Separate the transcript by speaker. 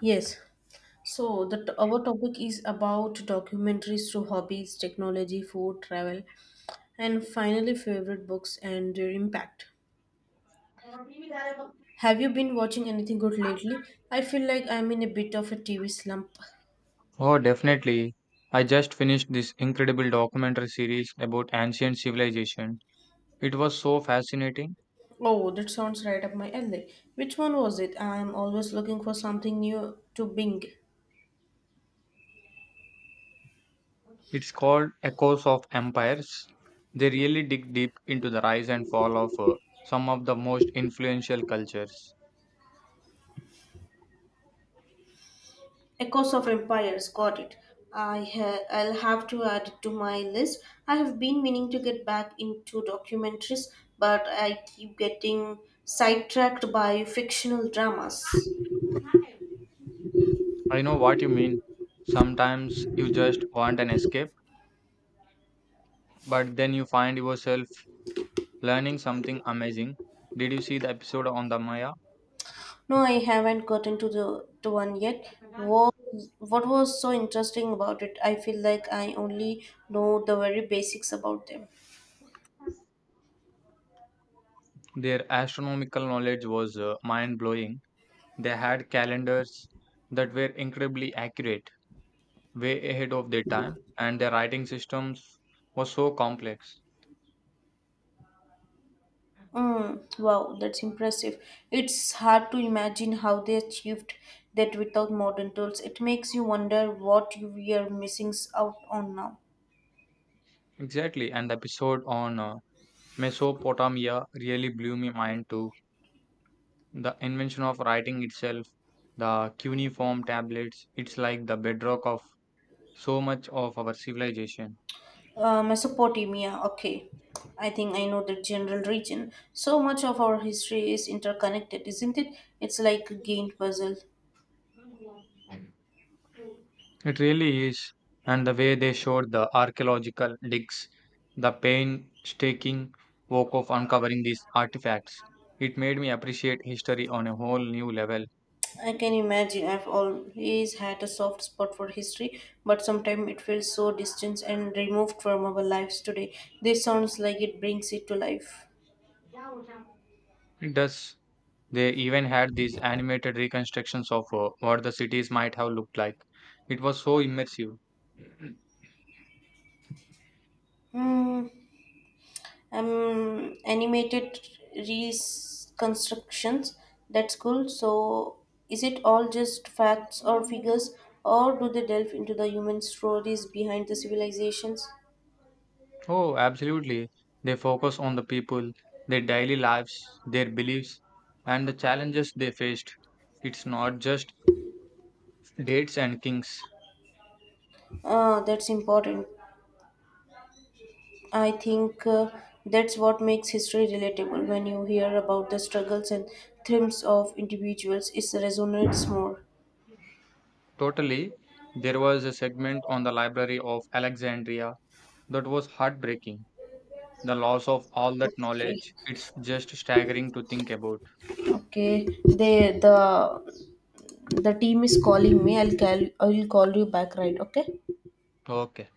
Speaker 1: Yes. So our topic is about documentaries through hobbies, technology, food, travel, and finally favorite books and their impact. Have you been watching anything good lately? I feel like I'm in a bit of a TV slump.
Speaker 2: Oh, definitely. I just finished this incredible documentary series about ancient civilization. It was so fascinating.
Speaker 1: Oh, that sounds right up my alley. Which one was it? I'm always looking for something new to bing.
Speaker 2: It's called Echoes of Empires. They really dig deep into the rise and fall of some of the most influential cultures.
Speaker 1: Echoes of Empires, got it. I'll have to add it to my list. I have been meaning to get back into documentaries, but I keep getting sidetracked by fictional dramas.
Speaker 2: I know what you mean. Sometimes you just want an escape, but then you find yourself learning something amazing. Did you see the episode on the Maya?
Speaker 1: No, I haven't gotten to the to one yet. What what was so interesting about it? I feel like I only know the very basics about them.
Speaker 2: Their astronomical knowledge was mind blowing. They had calendars that were incredibly accurate, way ahead of their time, and their writing systems were so complex.
Speaker 1: Mm, wow, that's impressive. It's hard to imagine how they achieved that without modern tools. It makes you wonder what we are missing out on now.
Speaker 2: Exactly, and the episode on Mesopotamia really blew my mind too. The invention of writing itself, the cuneiform tablets, it's like the bedrock of so much of our civilization.
Speaker 1: Mesopotamia, okay. I think I know the general region. So much of our history is interconnected, isn't it? It's like a gained puzzle.
Speaker 2: It really is. And the way they showed the archaeological digs, the painstaking work of uncovering these artifacts, it made me appreciate history on a whole new level.
Speaker 1: I can imagine I've always had a soft spot for history, but sometimes it feels so distant and removed from our lives today. This sounds like it brings it to life.
Speaker 2: It does. They even had these animated reconstructions of what the cities might have looked like. It was so immersive.
Speaker 1: Hmm, Animated reconstructions. That's cool. So, is it all just facts or figures, or do they delve into the human stories behind the civilizations?
Speaker 2: Oh, absolutely. They focus on the people, their daily lives, their beliefs, and the challenges they faced. It's not just dates and kings.
Speaker 1: Ah, that's important. I think that's what makes history relatable. When you hear about the struggles and triumphs of individuals, it resonates more.
Speaker 2: Totally. There was a segment on the Library of Alexandria that was heartbreaking. The loss of all that
Speaker 1: Okay,
Speaker 2: knowledge, it's just staggering to think about.
Speaker 1: okay. The team is calling me. I'll call you back. Right, okay.
Speaker 2: Okay.